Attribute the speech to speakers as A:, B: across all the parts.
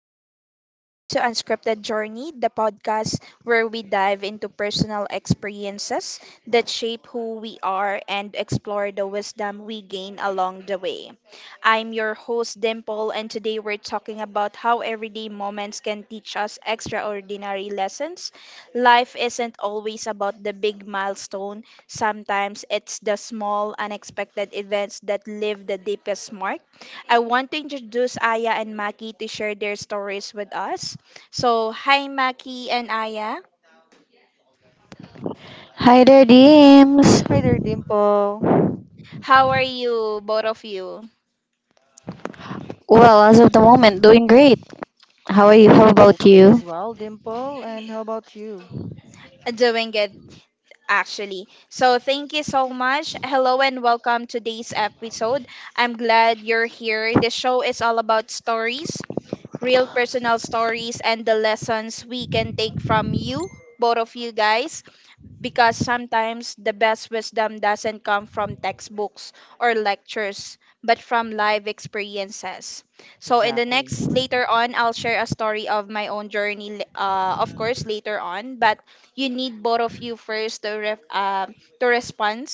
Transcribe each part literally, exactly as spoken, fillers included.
A: right, so welcome to Unscripted Journey, the podcast where we dive into personal experiences that shape who we are and explore the wisdom we gain along the way. I'm your host, Dimple, and today we're talking about how everyday moments can teach us extraordinary lessons. Life isn't always about the big milestone, sometimes it's the small, unexpected events that leave the deepest mark. I want to introduce Aya and Maki to share their stories with us. So, hi Maki and Aya.
B: Hi there, Deems.
C: Hi there, Dimple.
A: How are you, both of you?
B: Well, as of the moment, doing great. How are you? How
C: I'm
B: about
C: okay
B: you?
C: as well, Dimple. And how about you?
A: Doing good, actually. So, thank you so much. Hello and welcome to today's episode. I'm glad you're here. The show is all about stories, real personal stories, and the lessons we can take from you, both of you guys, because sometimes the best wisdom doesn't come from textbooks or lectures, but from live experiences. So in the
C: Exactly.
A: next later on, I'll share a story of my own journey. L- Uh, of course, later on, but you need both of you first to ref, uh, to respond,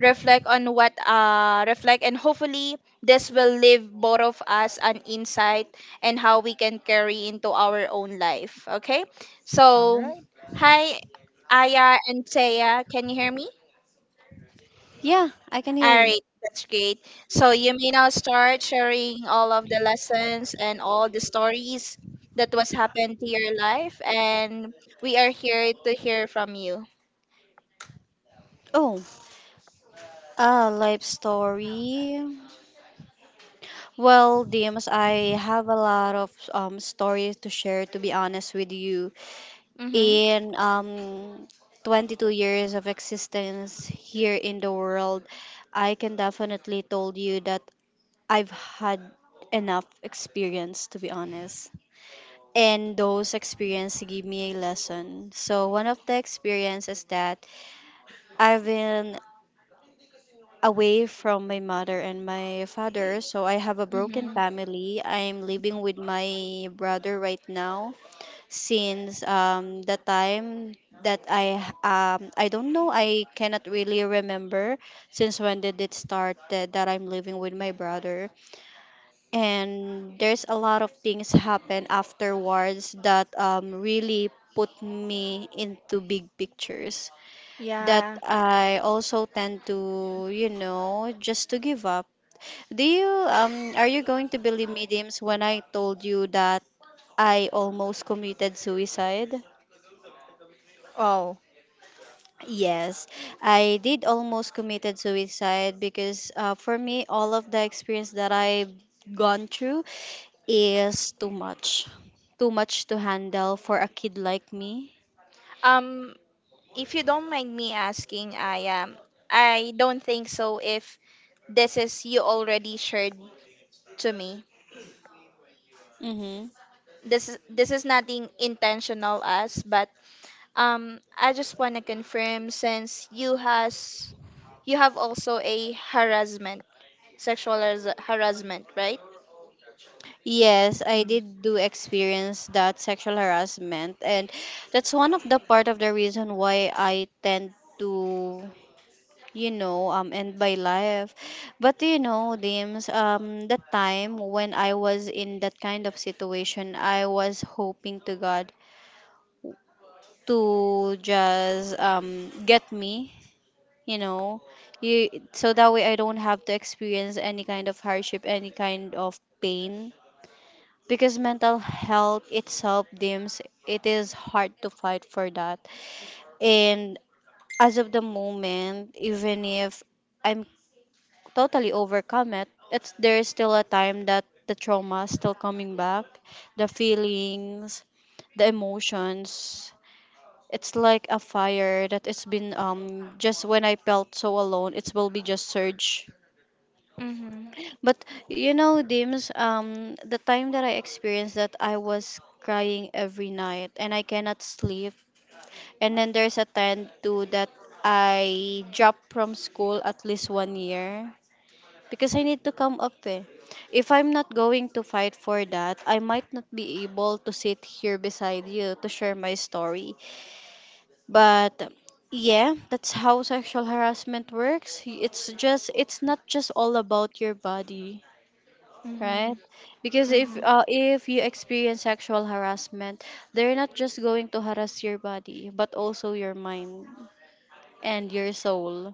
A: reflect on what uh, reflect, and hopefully this will leave both of us an insight and how we can carry into our own life. Okay,
C: All
A: so
C: right.
A: hi Aya and Thea, can you hear me?
B: Yeah, I can
A: All
B: hear you.
A: right, that's great. So you may now start sharing all of the lessons and all the stories that was happened to your life, and we are here to hear from you.
B: Oh, uh, life story. Well, Dimas, I have a lot of um stories to share. To be honest with you,
A: Mm-hmm.
B: in um twenty-two years of existence here in the world, I can definitely told you that I've had enough experience. To be honest. And those experiences give me a lesson. So one of the experiences is that I've been away from my mother and my father, so I have a broken
A: Mm-hmm.
B: family. I'm living with my brother right now since um, the time that I um, I don't know, I cannot really remember since when did it start that, that I'm living with my brother, and there's a lot of things happen afterwards that um, really put me into big pictures, that
A: Yeah.
B: I also tend to, you know, just to give up. Do you um are you going to believe me, Dims, when I told you that I almost committed suicide?
A: Oh.
B: Yes, I did almost committed suicide because uh, for me, all of the experience that I've gone through is too much. Too much to handle for a kid like me.
A: Um. If you don't mind me asking, Aya, I don't think so. If this is you already shared to me,
B: Mm-hmm.
A: this is this is nothing intentional, us, but Um, I just want to confirm since you has you have also a harassment, sexual haras- harassment, right?
B: Yes, I
A: Mm.
B: did do experience that sexual harassment, and that's one of the part of the reason why I tend to, you know, um, end my life. But you know, Dims, um, the time when I was in that kind of situation, I was hoping to God to just um get me, you know, you, so that way I don't have to experience any kind of hardship, any kind of pain, because mental health itself, Dims, it is hard to fight for that. And as of the moment, even if I'm totally overcome it, it's there's still a time that the trauma is still coming back, the feelings, the emotions. It's like a fire that it's been um just when I felt so alone, it will be just surge.
A: Mhm.
B: But you know, Dims, um, the time that I experienced that, I was crying every night and I cannot sleep. And then there's a time too that I dropped from school at least one year because I need to come up. Eh. If I'm not going to fight for that, I might not be able to sit here beside you to share my story. But yeah, that's how sexual harassment works. It's just, it's not just all about your body, right?
A: Mhm.
B: Because if
A: Mhm.
B: uh, if you experience sexual harassment, they're not just going to harass your body but also your mind and your soul.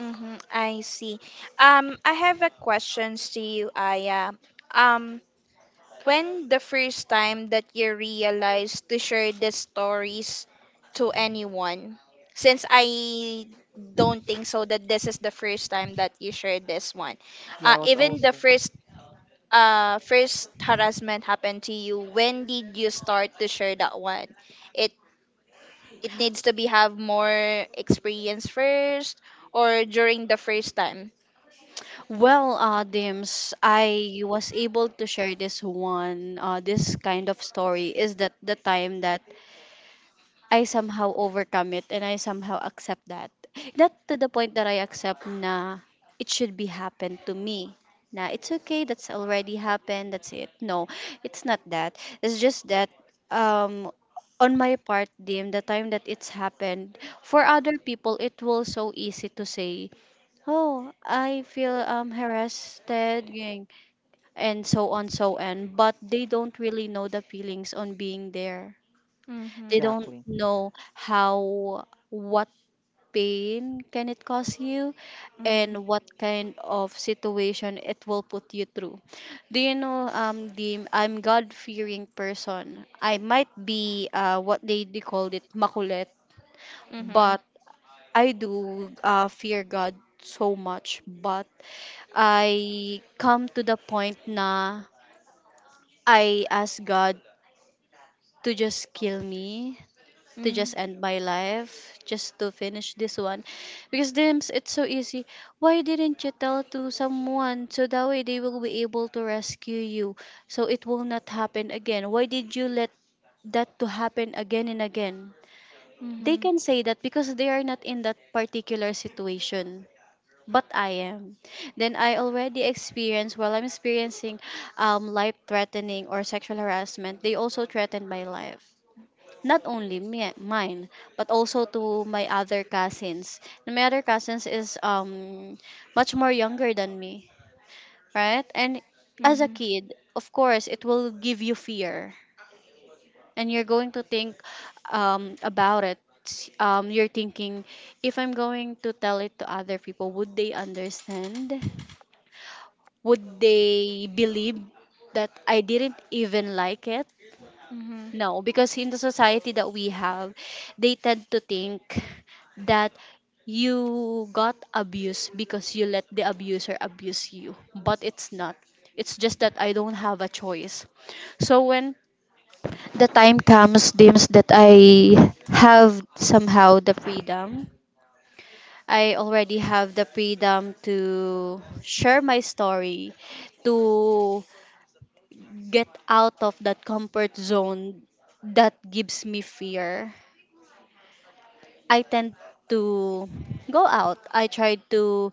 A: Mhm. I see. Um, I have a questions to you, Aya. Um, When the first time that you realized to share the stories to anyone? Since I don't think so that this is the first time that you shared this one.
C: Yeah, I
A: Uh,
C: was
A: even the
C: also.
A: first uh first harassment happened to you. When did you start to share that one? It it needs to be have more experience first or during the first time.
B: Well, uh Dims, I was able to share this one, uh this kind of story is that the time that I somehow overcome it and I somehow accept that. Not to the point that I accept na it should be happen to me. Na it's okay, that's already happened, that's it. No, it's not that. It's just that um on my part, Dim, the time that it's happened, for other people, it will so easy to say, oh, I feel um, harassed, ganyan," and so on, so on. But they don't really know the feelings on being there, they
A: Mhm.
B: don't
C: Exactly.
B: know how what pain can it cause you
A: Mhm.
B: and what kind of situation it will put you through. Do you know um the I'm god fearing person, I might be uh what they, they called it makulit,
A: Mhm.
B: but I do uh, fear god so much, but I come to the point na I ask god to just kill me, to
A: Mhm.
B: just end my life, just to finish this one. Because, Dims, it's so easy, why didn't you tell to someone so that way they will be able to rescue you, so it will not happen again, why did you let that to happen again and again? They
A: Mhm.
B: can say that because they are not in that particular situation, but I am. Then I already experienced, while I'm experiencing um, life threatening or sexual harassment, they also threatened my life, not only me, mine, but also to my other cousins. And my other cousins is um much more younger than me, right? And as a
A: Mhm.
B: kid, of course it will give you fear, and you're going to think um about it. Um you're thinking, if I'm going to tell it to other people, would they understand, would they believe that I didn't even like it?
A: Mhm.
B: No, because in the society that we have, they tend to think that you got abused because you let the abuser abuse you. But it's not. It's just that I don't have a choice. So when the time comes, deems, that I have somehow the freedom. I already have the freedom to share my story, to get out of that comfort zone that gives me fear. I tend to go out. I try to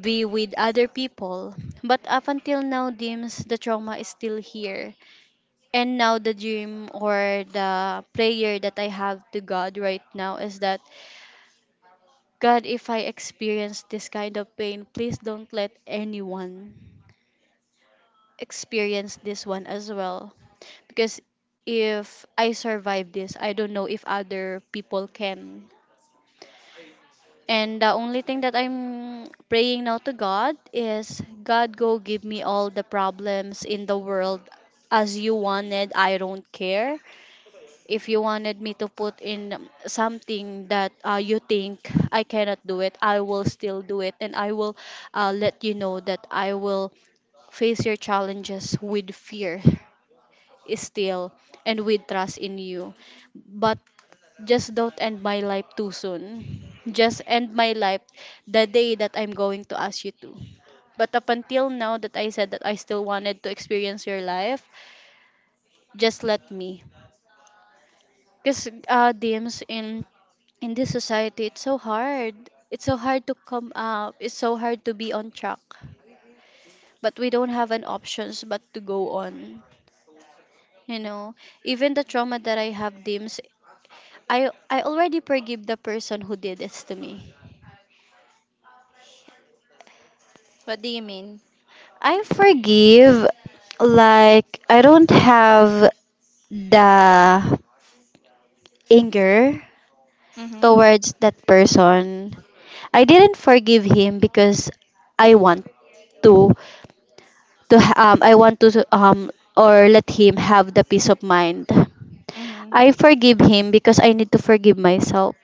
B: be with other people. But up until now, Dims, the trauma is still here. And now the dream or the prayer that I have to God right now is that God, if I experience this kind of pain, please don't let anyone experience this one as well. Because if I survive this, I don't know if other people can. And the only thing that I'm praying now to God is God go give me all the problems in the world as you wanted. I don't care. If you wanted me to put in something that uh, you think I cannot do it, I will still do it and I will uh, let you know that I will face your challenges with fear still, and with trust in you. But just don't end my life too soon. Just end my life the day that I'm going to ask you to. But up until now that I said that I still wanted to experience your life, just let me. Because uh, DMs, in in this society, it's so hard. It's so hard to come up. It's so hard to be on track. But we don't have an options but to go on. You know, even the trauma that I have, DMs, I I already forgive the person who did this to me.
A: What do you mean?
B: I forgive, like, I don't have the anger
A: Mhm.
B: towards that person. I didn't forgive him because I want to, to um, I want to, um, or let him have the peace of mind.
A: Mhm.
B: I forgive him because I need to forgive myself.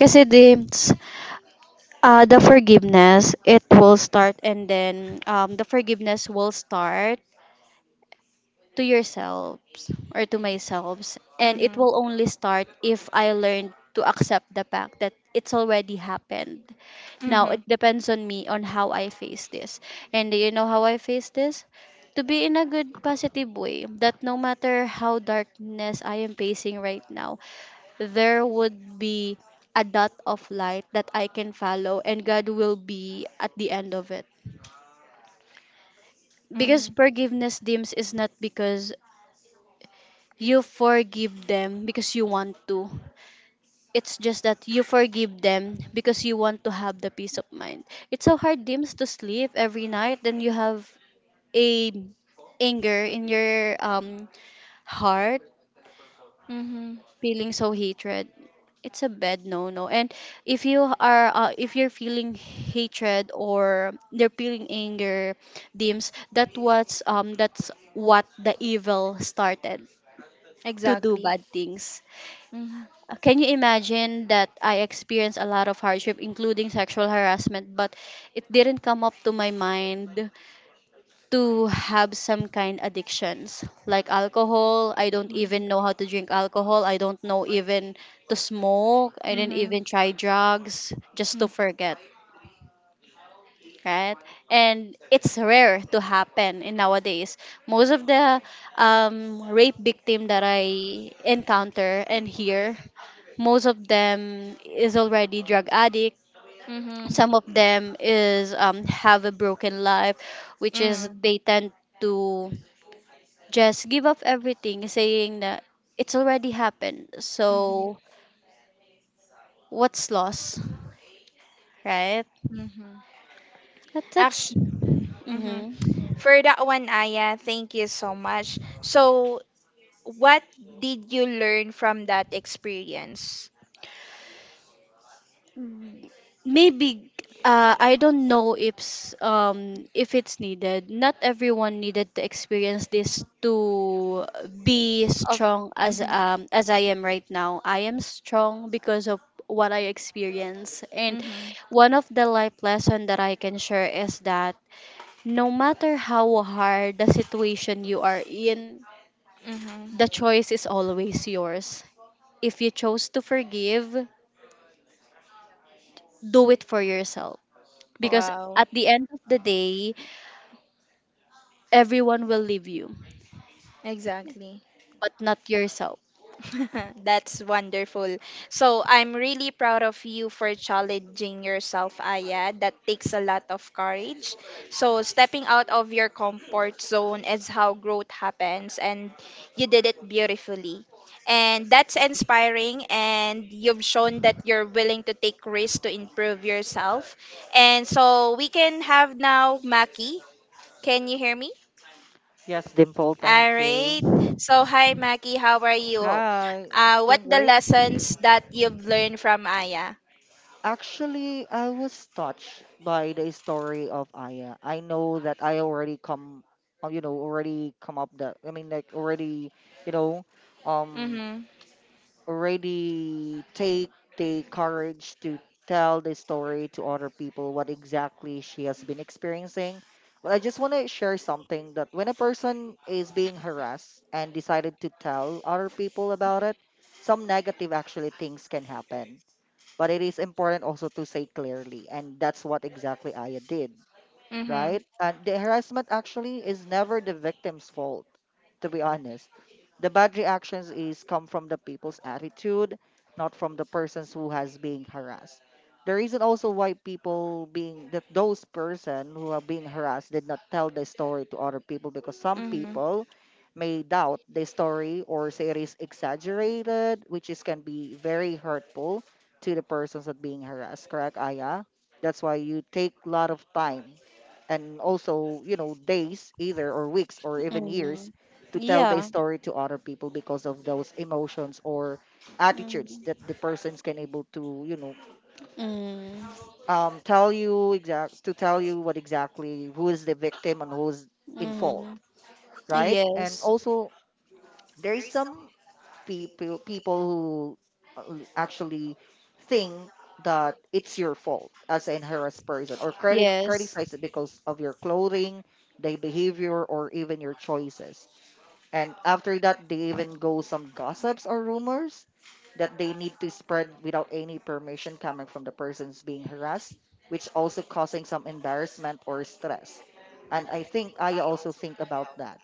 B: Kasi this, uh, the forgiveness, it will start and then um, the forgiveness will start to yourselves or to myself, and it
A: Mhm.
B: will only start if I learn to accept the fact that it's already happened. Now it
A: Mhm.
B: depends on me on how I face this. And do you know how I face this? To be in a good positive way that no matter how darkness I am facing right now, there would be a dot of light that I can follow, and god will be at the end of it. Because
A: Mhm.
B: forgiveness, Dims, is not because you forgive them because you want to. It's just that you forgive them because you want to have the peace of mind. It's so hard, Dims, to sleep every night. Then you have a anger in your um heart,
A: Mhm.
B: feeling so hatred. It's a bad no-no. And if you are, uh, if you're feeling hatred or they're feeling anger, Dims, that was um that's what the evil started to do
A: Exactly.
B: bad things.
A: Mhm.
B: Uh, Can you imagine that I experienced a lot of hardship, including sexual harassment, but it didn't come up to my mind to have some kind addictions like alcohol. I don't
A: Mhm.
B: even know how to drink alcohol. I don't know even to smoke. I didn't
A: Mhm.
B: even try drugs just to
A: Mhm.
B: forget, right? And it's rare to happen in nowadays. Most of the um, rape victim that I encounter and hear, most of them is already drug addict.
A: Mhm.
B: Some of them is um, have a broken life, which is
A: Mhm.
B: they tend to just give up everything, saying that it's already happened.
A: Mhm.
B: So what's lost, right?
A: Mhm.
B: That, that's.
A: Actu- mhm.
B: Mhm.
A: For that one, Aya, thank you so much. So what did you learn from that experience?
B: Mm, maybe uh, I don't know if s- um if it's needed. Not everyone needed to experience this to be
A: Of
B: strong as
A: mm-hmm,
B: um as I am right now. I am strong because of what I experience. And
A: mm-hmm,
B: one of the life lesson that I can share is that no matter how hard the situation you are in,
A: mm-hmm.
B: the choice is always yours. If you chose to forgive, do it for yourself, because
A: Wow,
B: at the end of the day, everyone will leave you,
A: exactly.
B: but not yourself.
A: That's wonderful. So I'm really proud of you for challenging yourself, Aya. That takes a lot of courage. So stepping out of your comfort zone is how growth happens, and you did it beautifully. And that's inspiring, and you've shown that you're willing to take risks to improve yourself. And so we can have now Maki. Can you hear me?
C: Yes, Dimple,
A: All
C: thank you.
A: right. So, hi, Maggie. How are you?
C: Hi,
A: Uh, what
C: doing
A: the
C: great.
A: lessons that you've learned from Aya?
C: Actually, I was touched by the story of Aya. I know that I already come, uh, you know, already come up that, I mean, like already, you know, um,
A: Mm-hmm.
C: already take the courage to tell the story to other people what exactly she has been experiencing. But I just want to share something that when a person is being harassed and decided to tell other people about it, some negative actually things can happen. But it is important also to say clearly, and that's what exactly Aya did,
A: Mm-hmm.
C: right? And the harassment actually is never the victim's fault, to be honest. The bad reactions is come from the people's attitude, not from the persons who has being harassed. The reason also why people being that those person who are being harassed did not tell the story to other people because some
A: Mm-hmm.
C: people may doubt the story or say it is exaggerated, which is can be very hurtful to the persons that being harassed. Correct, Aya? That's why you take a lot of time and also, you know days either or weeks or even years
B: Mm.
C: to tell the
B: Yeah.
C: story to other people because of those emotions or attitudes that the persons can able to, you know
B: Mm. Mm.
C: um, tell you exact to tell you what exactly who is the victim and who's in fault,
B: Mm.
C: right? And
B: Yes.
C: also there is some people people who, uh, actually think that it's your fault as an harassed person or criti-
B: Yes.
C: criticize it because of your clothing, their behavior, or even your choices. And after that, they even go some gossips or rumors that they need to spread without any permission coming from the persons being harassed, which also causing some embarrassment or stress. And I think I also think about that.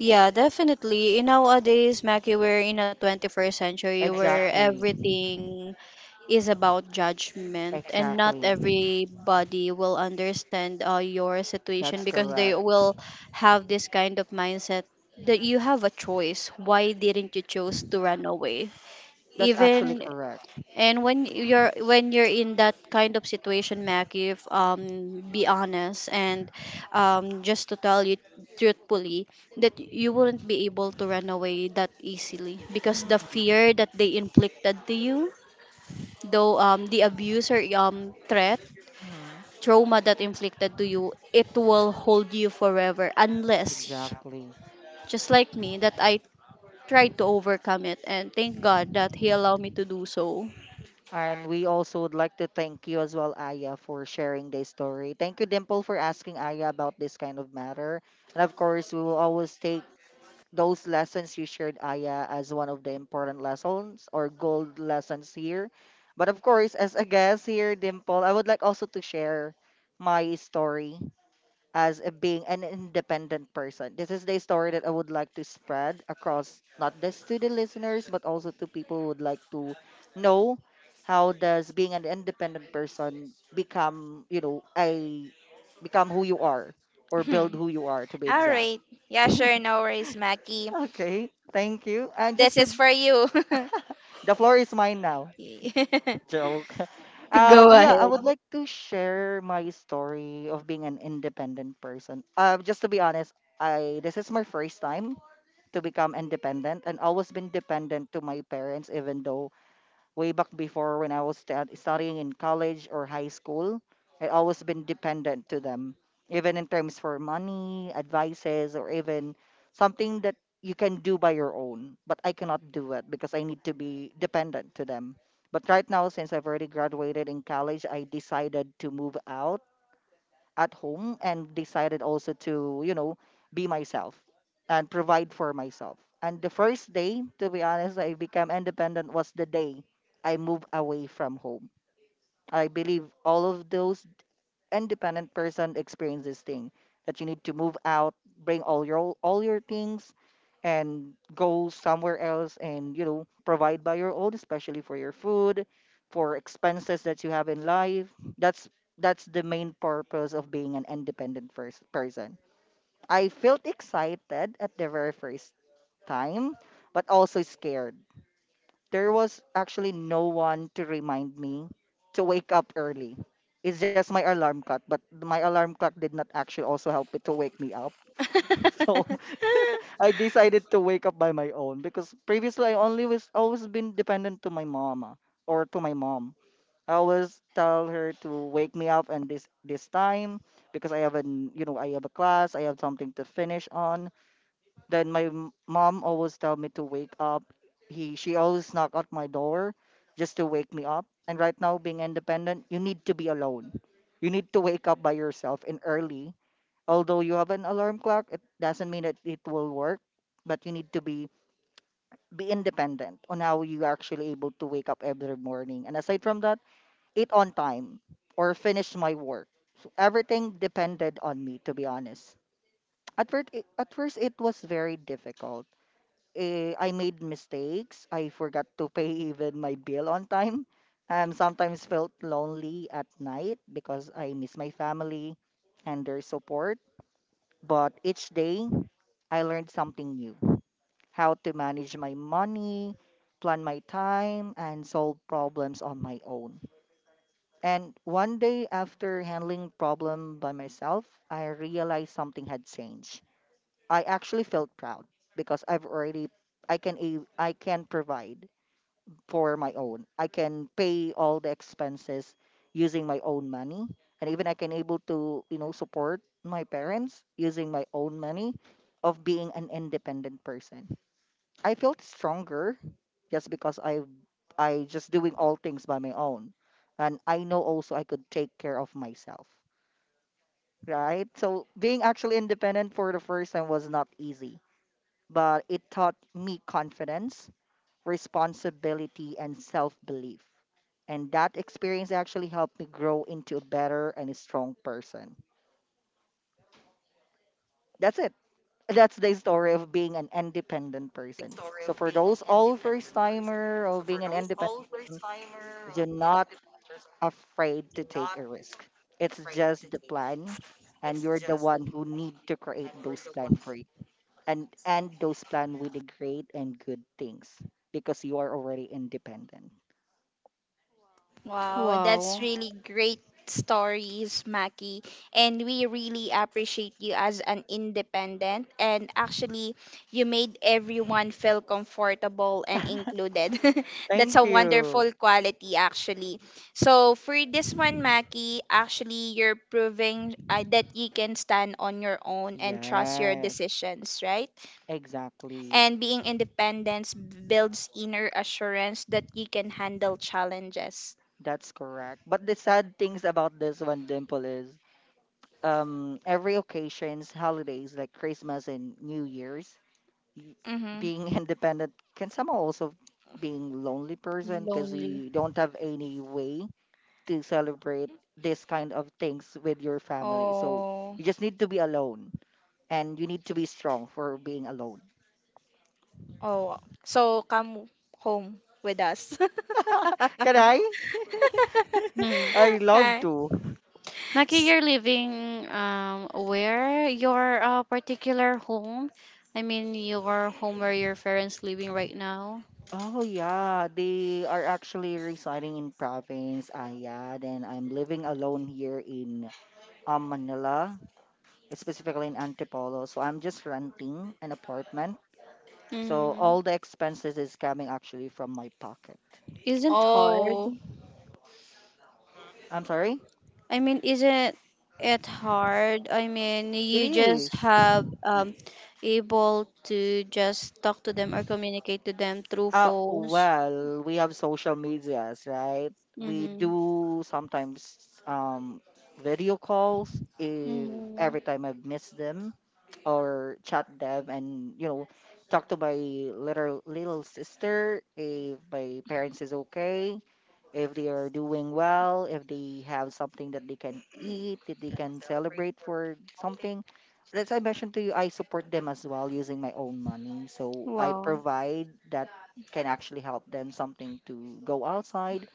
B: Yeah, definitely. In nowadays, Mackie, we're in a twenty-first century where
C: Exactly.
B: everything is about judgment and not
C: Exactly.
B: everybody will understand uh, your situation
C: That's
B: because they
C: correct.
B: will have this kind of mindset that you have a choice, why didn't you choose to run away?
C: That's actually
B: Even,
C: correct.
B: and when you're when you're in that kind of situation, mac, if um be honest and um just to tell you truthfully that you wouldn't be able to run away that easily because the
C: Mm-hmm.
B: fear that they inflicted to you. Though um, the abuse or um, threat, trauma that inflicted to you, it will hold you forever, unless,
C: Exactly.
B: just like me, that I tried to overcome it. And thank God that He allowed me to do so.
C: And we also would like to thank you as well, Aya, for sharing this story. Thank you, Dimple, for asking Aya about this kind of matter. And of course, we will always take those lessons you shared, Aya, as one of the important lessons or gold lessons here. But of course, as a guest here, Dimple, I would like also to share my story as a being an independent person. This is the story that I would like to spread across not just to the listeners but also to people who would like to know how does being an independent person become, you know, a become who you are or build who you are to be
A: All
C: exact.
A: right. Yeah, sure. No worries, Maggie.
C: Okay, thank you. And
A: This
C: just to,
A: is for you.
C: the floor is mine now. Joke.
B: Go
C: Um,
B: ahead.
C: yeah, I would like to share my story of being an independent person. Uh, just to be honest, I this is my first time to become independent, and always been dependent to my parents, even though way back before when I was sta studying in college or high school, I always been dependent to them, even in terms for money, advices, or even something that you can do by your own. But I cannot do it because I need to be dependent to them. But right now, since I've already graduated in college, I decided to move out at home and decided also to, you know, be myself and provide for myself. And the first day, to be honest, I became independent was the day I moved away from home. I believe all of those independent person experience this thing that you need to move out, bring all your all your things, and go somewhere else, and you know provide by your own, especially for your food, for expenses that you have in life. That's that's the main purpose of being an independent first person. I felt excited at the very first time, but also scared. There was actually no one to remind me to wake up early. It's just my alarm clock, but my alarm clock did not actually also help it to wake me up. So I decided to wake up by my own because previously I only was always been dependent to my mama or to my mom. I always tell her to wake me up and this this time because I have an, you know I have a class, I have something to finish on. Then my m- mom always tell me to wake up. He She always knock at my door just to wake me up. And right now being independent, you need to be alone. You need to wake up by yourself and early. Although you have an alarm clock, it doesn't mean that it will work, but you need to be be independent on how you are actually able to wake up every morning. And aside from that, eat on time or finish my work. So everything depended on me, to be honest. At first, it, at first it was very difficult. eh, I made mistakes. I forgot to pay even my bill on time. Um, sometimes felt lonely at night because I miss my family and their support. But each day, I learned something new, how to manage my money, plan my time, and solve problems on my own. And one day, after handling problem by myself, I realized something had changed. I actually felt proud because I've already I can a- I can provide for my own. I can pay all the expenses using my own money and even I can able to, you know, support my parents using my own money of being an independent person. I felt stronger just because I I just doing all things by my own. And I know also I could take care of myself. Right? So being actually independent for the first time was not easy, but it taught me confidence, responsibility, and self belief. And that experience actually helped me grow into a better and a strong person. That's it. That's the story of being an independent person. So for those all first timer of being an independent person, you're not afraid to take a risk. It's just the plan and you're the one who need to create those plan for you. and and those plans with the great and good things because you are already independent.
B: Wow.
A: Wow, that's really great stories, Maki. And we really appreciate you as an independent. And actually, you made everyone feel comfortable and included. That's a
C: Thank you.
A: wonderful quality, actually. So, for this one, Maki, actually, you're proving uh, that you can stand on your own and trust your
C: Yes,
A: decisions, right?
C: exactly.
A: And being independent builds inner assurance that you can handle challenges.
C: That's correct. But the sad things about this one, Dimple, is um every occasions, holidays like Christmas and New Year's, y-
A: Mm-hmm.
C: being independent can somehow also being lonely person because you don't have any way to celebrate this kind of things with your family. So
A: Oh.
C: you just need to be alone and you need to be strong for being alone.
A: Oh. So come home with us.
C: Can I?
B: Hmm.
C: I love
A: Hi.
C: to.
B: Maki,
A: S-
B: you're living um where your uh, particular home? I mean your home where your parents living right now.
C: Oh yeah, they are actually residing in province Ayad and I'm living alone here in um, Manila, specifically in Antipolo. So I'm just renting an apartment. So all
B: Mm.
C: the expenses is coming actually from my pocket.
B: Isn't hard?
A: Oh.
C: I'm sorry?
B: I mean, isn't it hard? I mean,
C: It
B: you just
C: is.
B: have um, able to just talk to them or communicate to them through
C: Uh,
B: phones.
C: well, we have social medias, right?
B: They
C: We
B: mm-hmm.
C: do sometimes um, video calls if
B: Mm-hmm.
C: every time I've missed them or chat them and, you know, talk to my little little sister if my parents is okay, if they are doing well, if they have something that they can eat, that they can celebrate for something. As I mentioned to you, I support them as well using my own money. So I
B: Wow.
C: provide that can actually help them something to go outside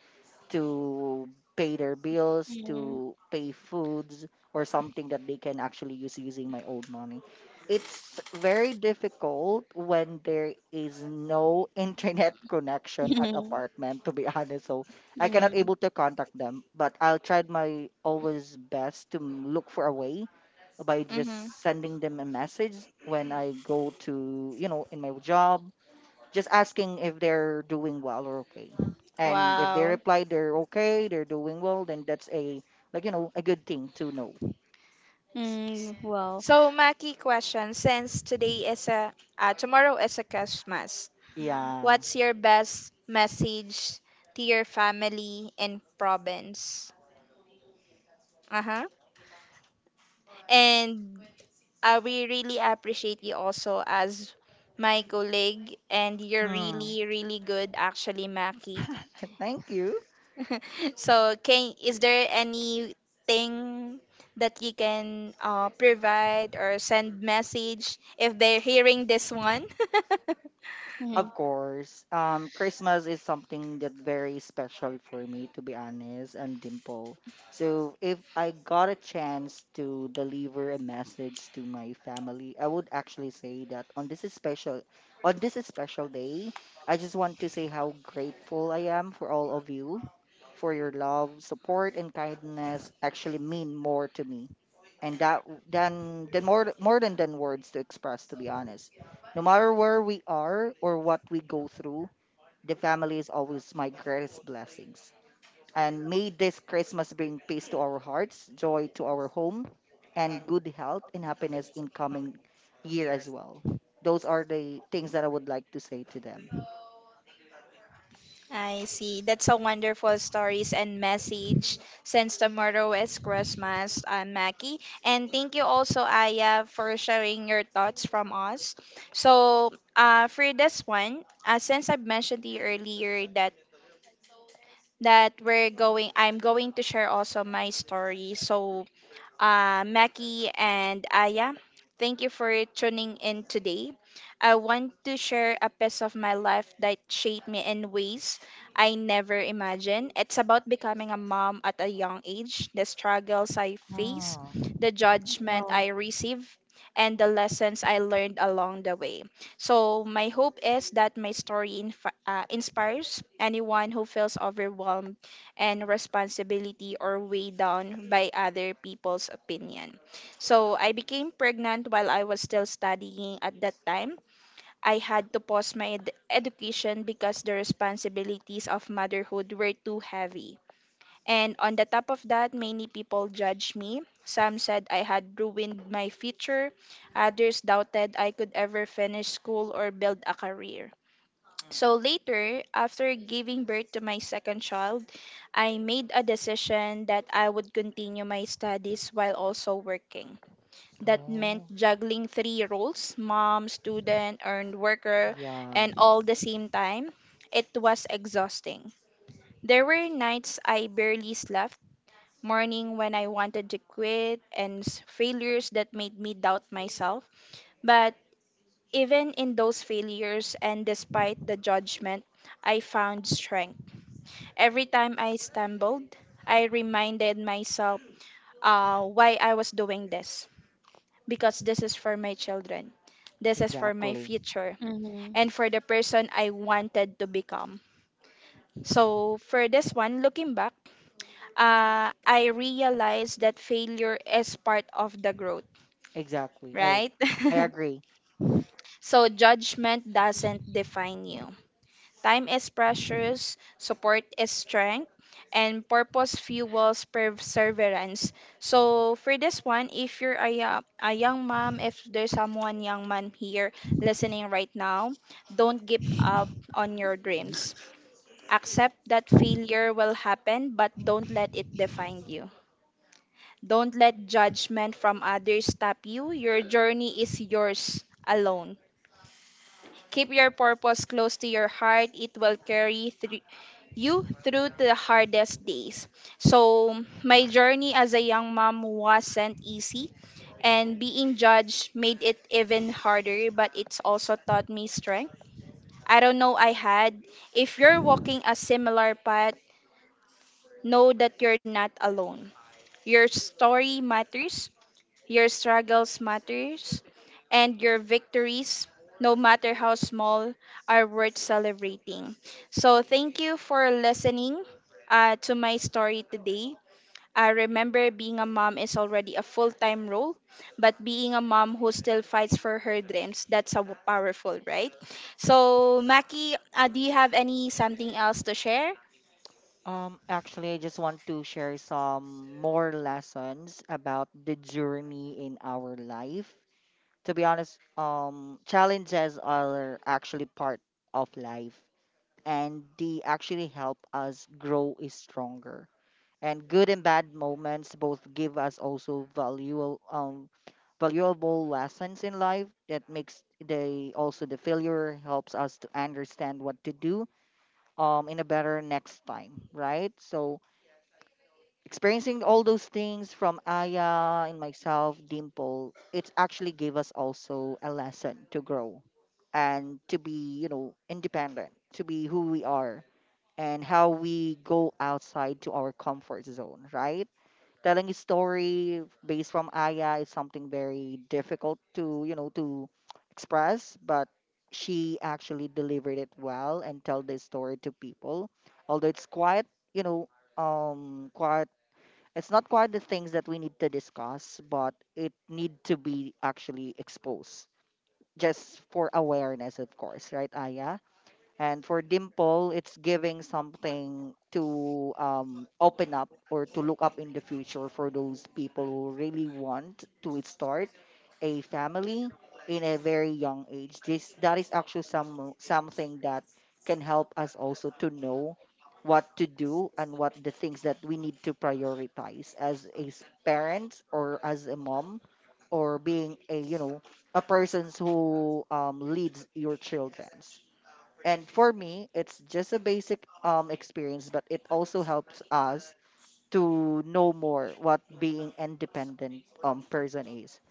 C: to pay their bills,
B: Hmm.
C: to pay foods, or something that they can actually use using my own money. It's very difficult when there is no internet connection at apartment, to be honest. So I cannot able to contact them, but I'll try my always best to m- look for a way by
A: Mm-hmm.
C: just sending them a message when I go to, you know, in my job just asking if they're doing well or okay. And if they
A: Wow.
C: reply they're okay, they're doing well, then that's a, like, you know a good thing to know.
B: Mm, well.
A: So Maki question, since today is a uh, tomorrow is a Christmas,
C: Yeah.
A: what's your best message to your family in province? Uh-huh. And Uh, we really appreciate you also as my colleague, and you're
C: Hmm.
A: really, really good, actually, Maki.
C: Thank you.
A: So, can is there anything that you can uh, provide or send message if they're hearing this one?
C: Of
B: Mhm.
C: course, um, Christmas is something that very special for me, to be honest, and Dimple. So if I got a chance to deliver a message to my family, I would actually say that on this special, on this special day, I just want to say how grateful I am for all of you, for your love, support, and kindness. Actually, mean more to me, and that w- than than more more than than words to express, to be honest. No matter where we are or what we go through, the family is always my greatest blessings. And may this Christmas bring peace to our hearts, joy to our home, and good health and happiness in coming year as well. Those are the things that I would like to say to them.
A: I see. That's a wonderful stories and message since tomorrow is Christmas, uh, Mackie. And thank you also, Aya, for sharing your thoughts from us. So, uh, for this one, uh, since I've mentioned to you earlier that that we're going, I'm going to share also my story. So, uh, Mackie and Aya. Thank you for tuning in today. I want to share a piece of my life that shaped me in ways I never imagined. It's about becoming a mom at a young age, the struggles I face,
C: Ah,
A: the judgment I receive, and the lessons I learned along the way. So, my hope is that my story inf- uh, inspires anyone who feels overwhelmed and responsibility or weighed down by other people's opinion. So I became pregnant while I was still studying at that time. I had to pause my ed- education because the responsibilities of motherhood were too heavy. And on the top of that, many people judged me. Some said I had ruined my future. Others doubted I could ever finish school or build a career. So later, after giving birth to my second child, I made a decision that I would continue my studies while also working. That meant
C: oh,
A: juggling three roles mom, student, and worker
C: yeah,
A: and all the same time. It was exhausting. There were nights I barely slept, morning when I wanted to quit, and s- failures that made me doubt myself. But even in those failures and despite the judgment, I found strength. Every time I stumbled, I reminded myself uh, why I was doing this. Because this is for my children, this is for my
C: exactly,
A: future,
B: Hmm.
A: and for the person I wanted to become. So, for this one, looking back, uh, I realized that failure is part of the growth,
C: exactly. I,
A: right?
C: I agree.
A: So, judgment doesn't define you. Time is precious, support is strength, and purpose fuels perseverance. So for this one, if you're a, yo- a young mom, if there's someone young mom here listening right now, don't give up on your dreams. Accept that failure will happen, but don't let it define you. Don't let judgment from others stop you. Your journey is yours alone. Keep your purpose close to your heart. It will carry thr- you through to the hardest days. So, my journey as a young mom wasn't easy, and being judged made it even harder, but it's also taught me strength. I don't know I had. If you're walking a similar path, know that you're not alone. Your story matters, your struggles matters and your victories, no matter how small, are worth celebrating. So thank you for listening uh, to my story today. I remember being a mom is already a full-time role, but being a mom who still fights for her dreams, that's so powerful, right? So, Maki, uh, do you have any something else to share?
C: Um, actually, I just want to share some more lessons about the journey in our life. To be honest, um, challenges are actually part of life and they actually help us grow is stronger. And good and bad moments both give us also valuable um valuable lessons in life that makes the also the failure helps us to understand what to do um in a better next time, right? So experiencing all those things from Aya and myself, Dimple, it actually gave us also a lesson to grow and to be, you know, independent, to be who we are and how we go outside to our comfort zone, right? Telling a story based from Aya is something very difficult to, you know, to express, but she actually delivered it well and tell the story to people. Although it's quite, you know, um quite it's not quite the things that we need to discuss, but it need to be actually exposed just for awareness, of course, right, Aya? And for Dimple, it's giving something to um, open up or to look up in the future for those people who really want to start a family in a very young age. This that is actually some something that can help us also to know what to do and what the things that we need to prioritize as a s- parents or as a mom or being a, you know a persons who um, leads your childrens. And for me, it's just a basic um, experience, but it also helps us to know more what being independent um, person is.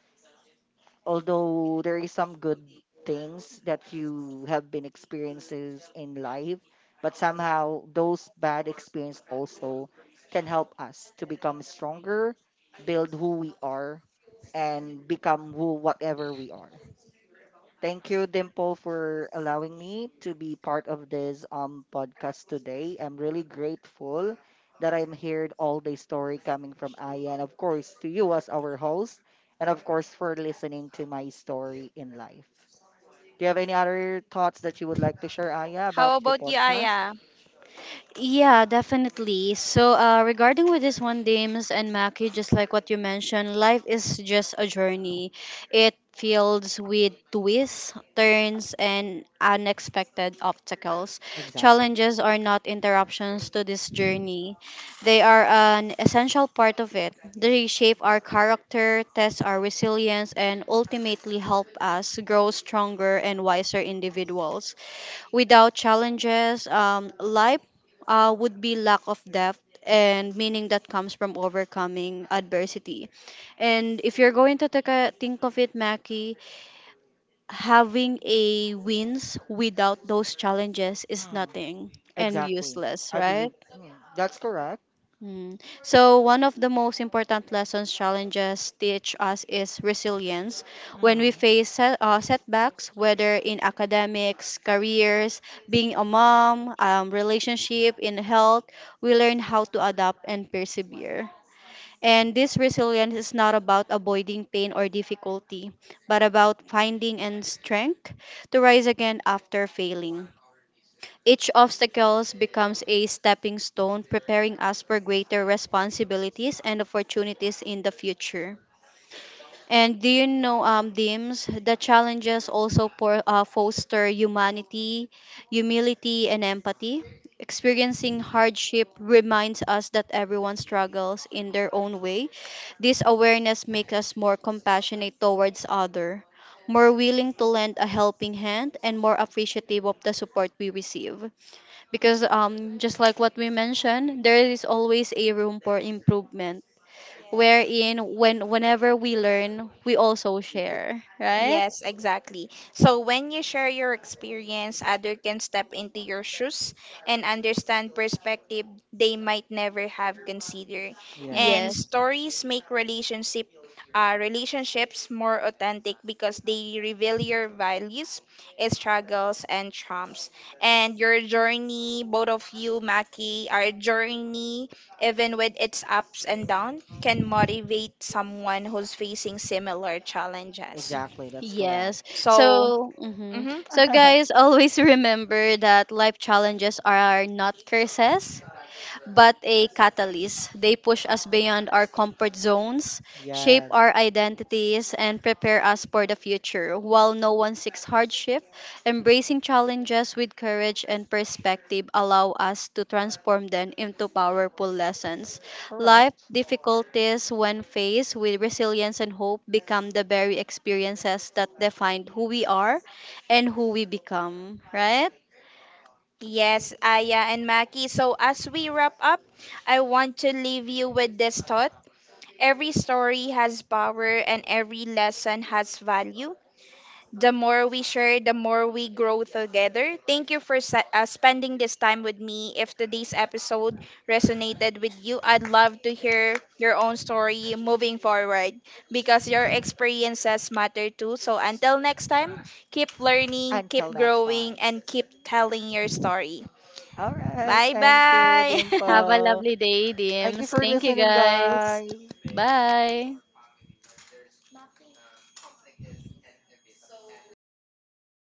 C: Although there is some good things that you have been experiences in life, but somehow those bad experience also can help us to become stronger, build who we are, and become who whatever we are. Thank you, Dimple, for allowing me to be part of this um podcast today. I'm really grateful that I'm heard all the story coming from Aya, and of course to you as our host, and of course for listening to my story in life. Do you have any other thoughts that you would like to share, Aya,
A: How
C: about the
A: about you,
C: podcast?
A: Aya?
B: Yeah, definitely. So, uh, regarding with this one, Dames and Maki, just like what you mentioned, life is just a journey. It fills with twists, turns, and unexpected obstacles.
C: Exactly.
B: Challenges are not interruptions to this journey. They are an essential part of it. They shape our character, test our resilience, and ultimately help us grow stronger and wiser individuals. Without challenges, um, life uh, would be lack of depth and meaning that comes from overcoming adversity. And if you're going to take a, think of it, Mackie, having a wins without those challenges is
C: Mm,
B: nothing and
C: exactly.
B: useless,
C: I believe
B: right?
C: mm, that's correct.
B: Mm. So, one of the most important lessons challenges teach us is resilience. When we
C: Mm.
B: face set, uh, setbacks, whether in academics, careers, being a mom, um, relationship, in health, we learn how to adapt and persevere. And this resilience is not about avoiding pain or difficulty, but about finding and strength to rise again after failing. Each obstacle becomes a stepping stone, preparing us for greater responsibilities and opportunities in the future. And do you know, um, Dims, the challenges also for, uh, foster humanity, humility, and empathy. Experiencing hardship reminds us that everyone struggles in their own way. This awareness makes us more compassionate towards other, more willing to lend a helping hand, and more appreciative of the support we receive, because um just like what we mentioned, there is always a room for improvement, wherein when whenever we learn, we also share, right?
A: Yes, exactly. So when you share your experience, others can step into your shoes and understand perspective they might never have considered. And
B: Yes.
C: Yes,
A: stories make relationship uh, relationships more authentic because they reveal your values, eh, struggles, and charms. And your journey, both of you, Maki, our journey, even with its ups and downs, can motivate someone who's facing similar challenges.
C: exactly. That's
B: Yes.
C: correct.
A: So,
B: So, mhm.
A: mhm,
B: So guys, always remember that life challenges are not curses, but a catalyst. They push us beyond our comfort zones, shape
C: Yes,
B: our identities, and prepare us for the future. While no one seeks hardship, embracing challenges with courage and perspective allow us to transform them into powerful lessons. Life
C: correct.
B: difficulties, when faced with resilience and hope, become the very experiences that define who we are and who we become. Right?
A: yes, Aya and Maki. So, as we wrap up, I want to leave you with this thought. Every story has power and every lesson has value. The more we share, the more we grow together. Thank you for sa- uh, spending this time with me. If today's episode resonated with you, I'd love to hear your own story moving forward because your experiences matter too. So until next time, keep learning,
C: Until
A: keep
C: next
A: growing,
C: time.
A: and keep telling your story.
C: All right.
A: Bye
C: Thank you,
A: bye.
B: Have a
C: Dimple.
B: lovely day,
C: Thank you
B: Dims.
C: for
B: Thank you,
C: listening,
B: guys.
C: guys.
B: Bye.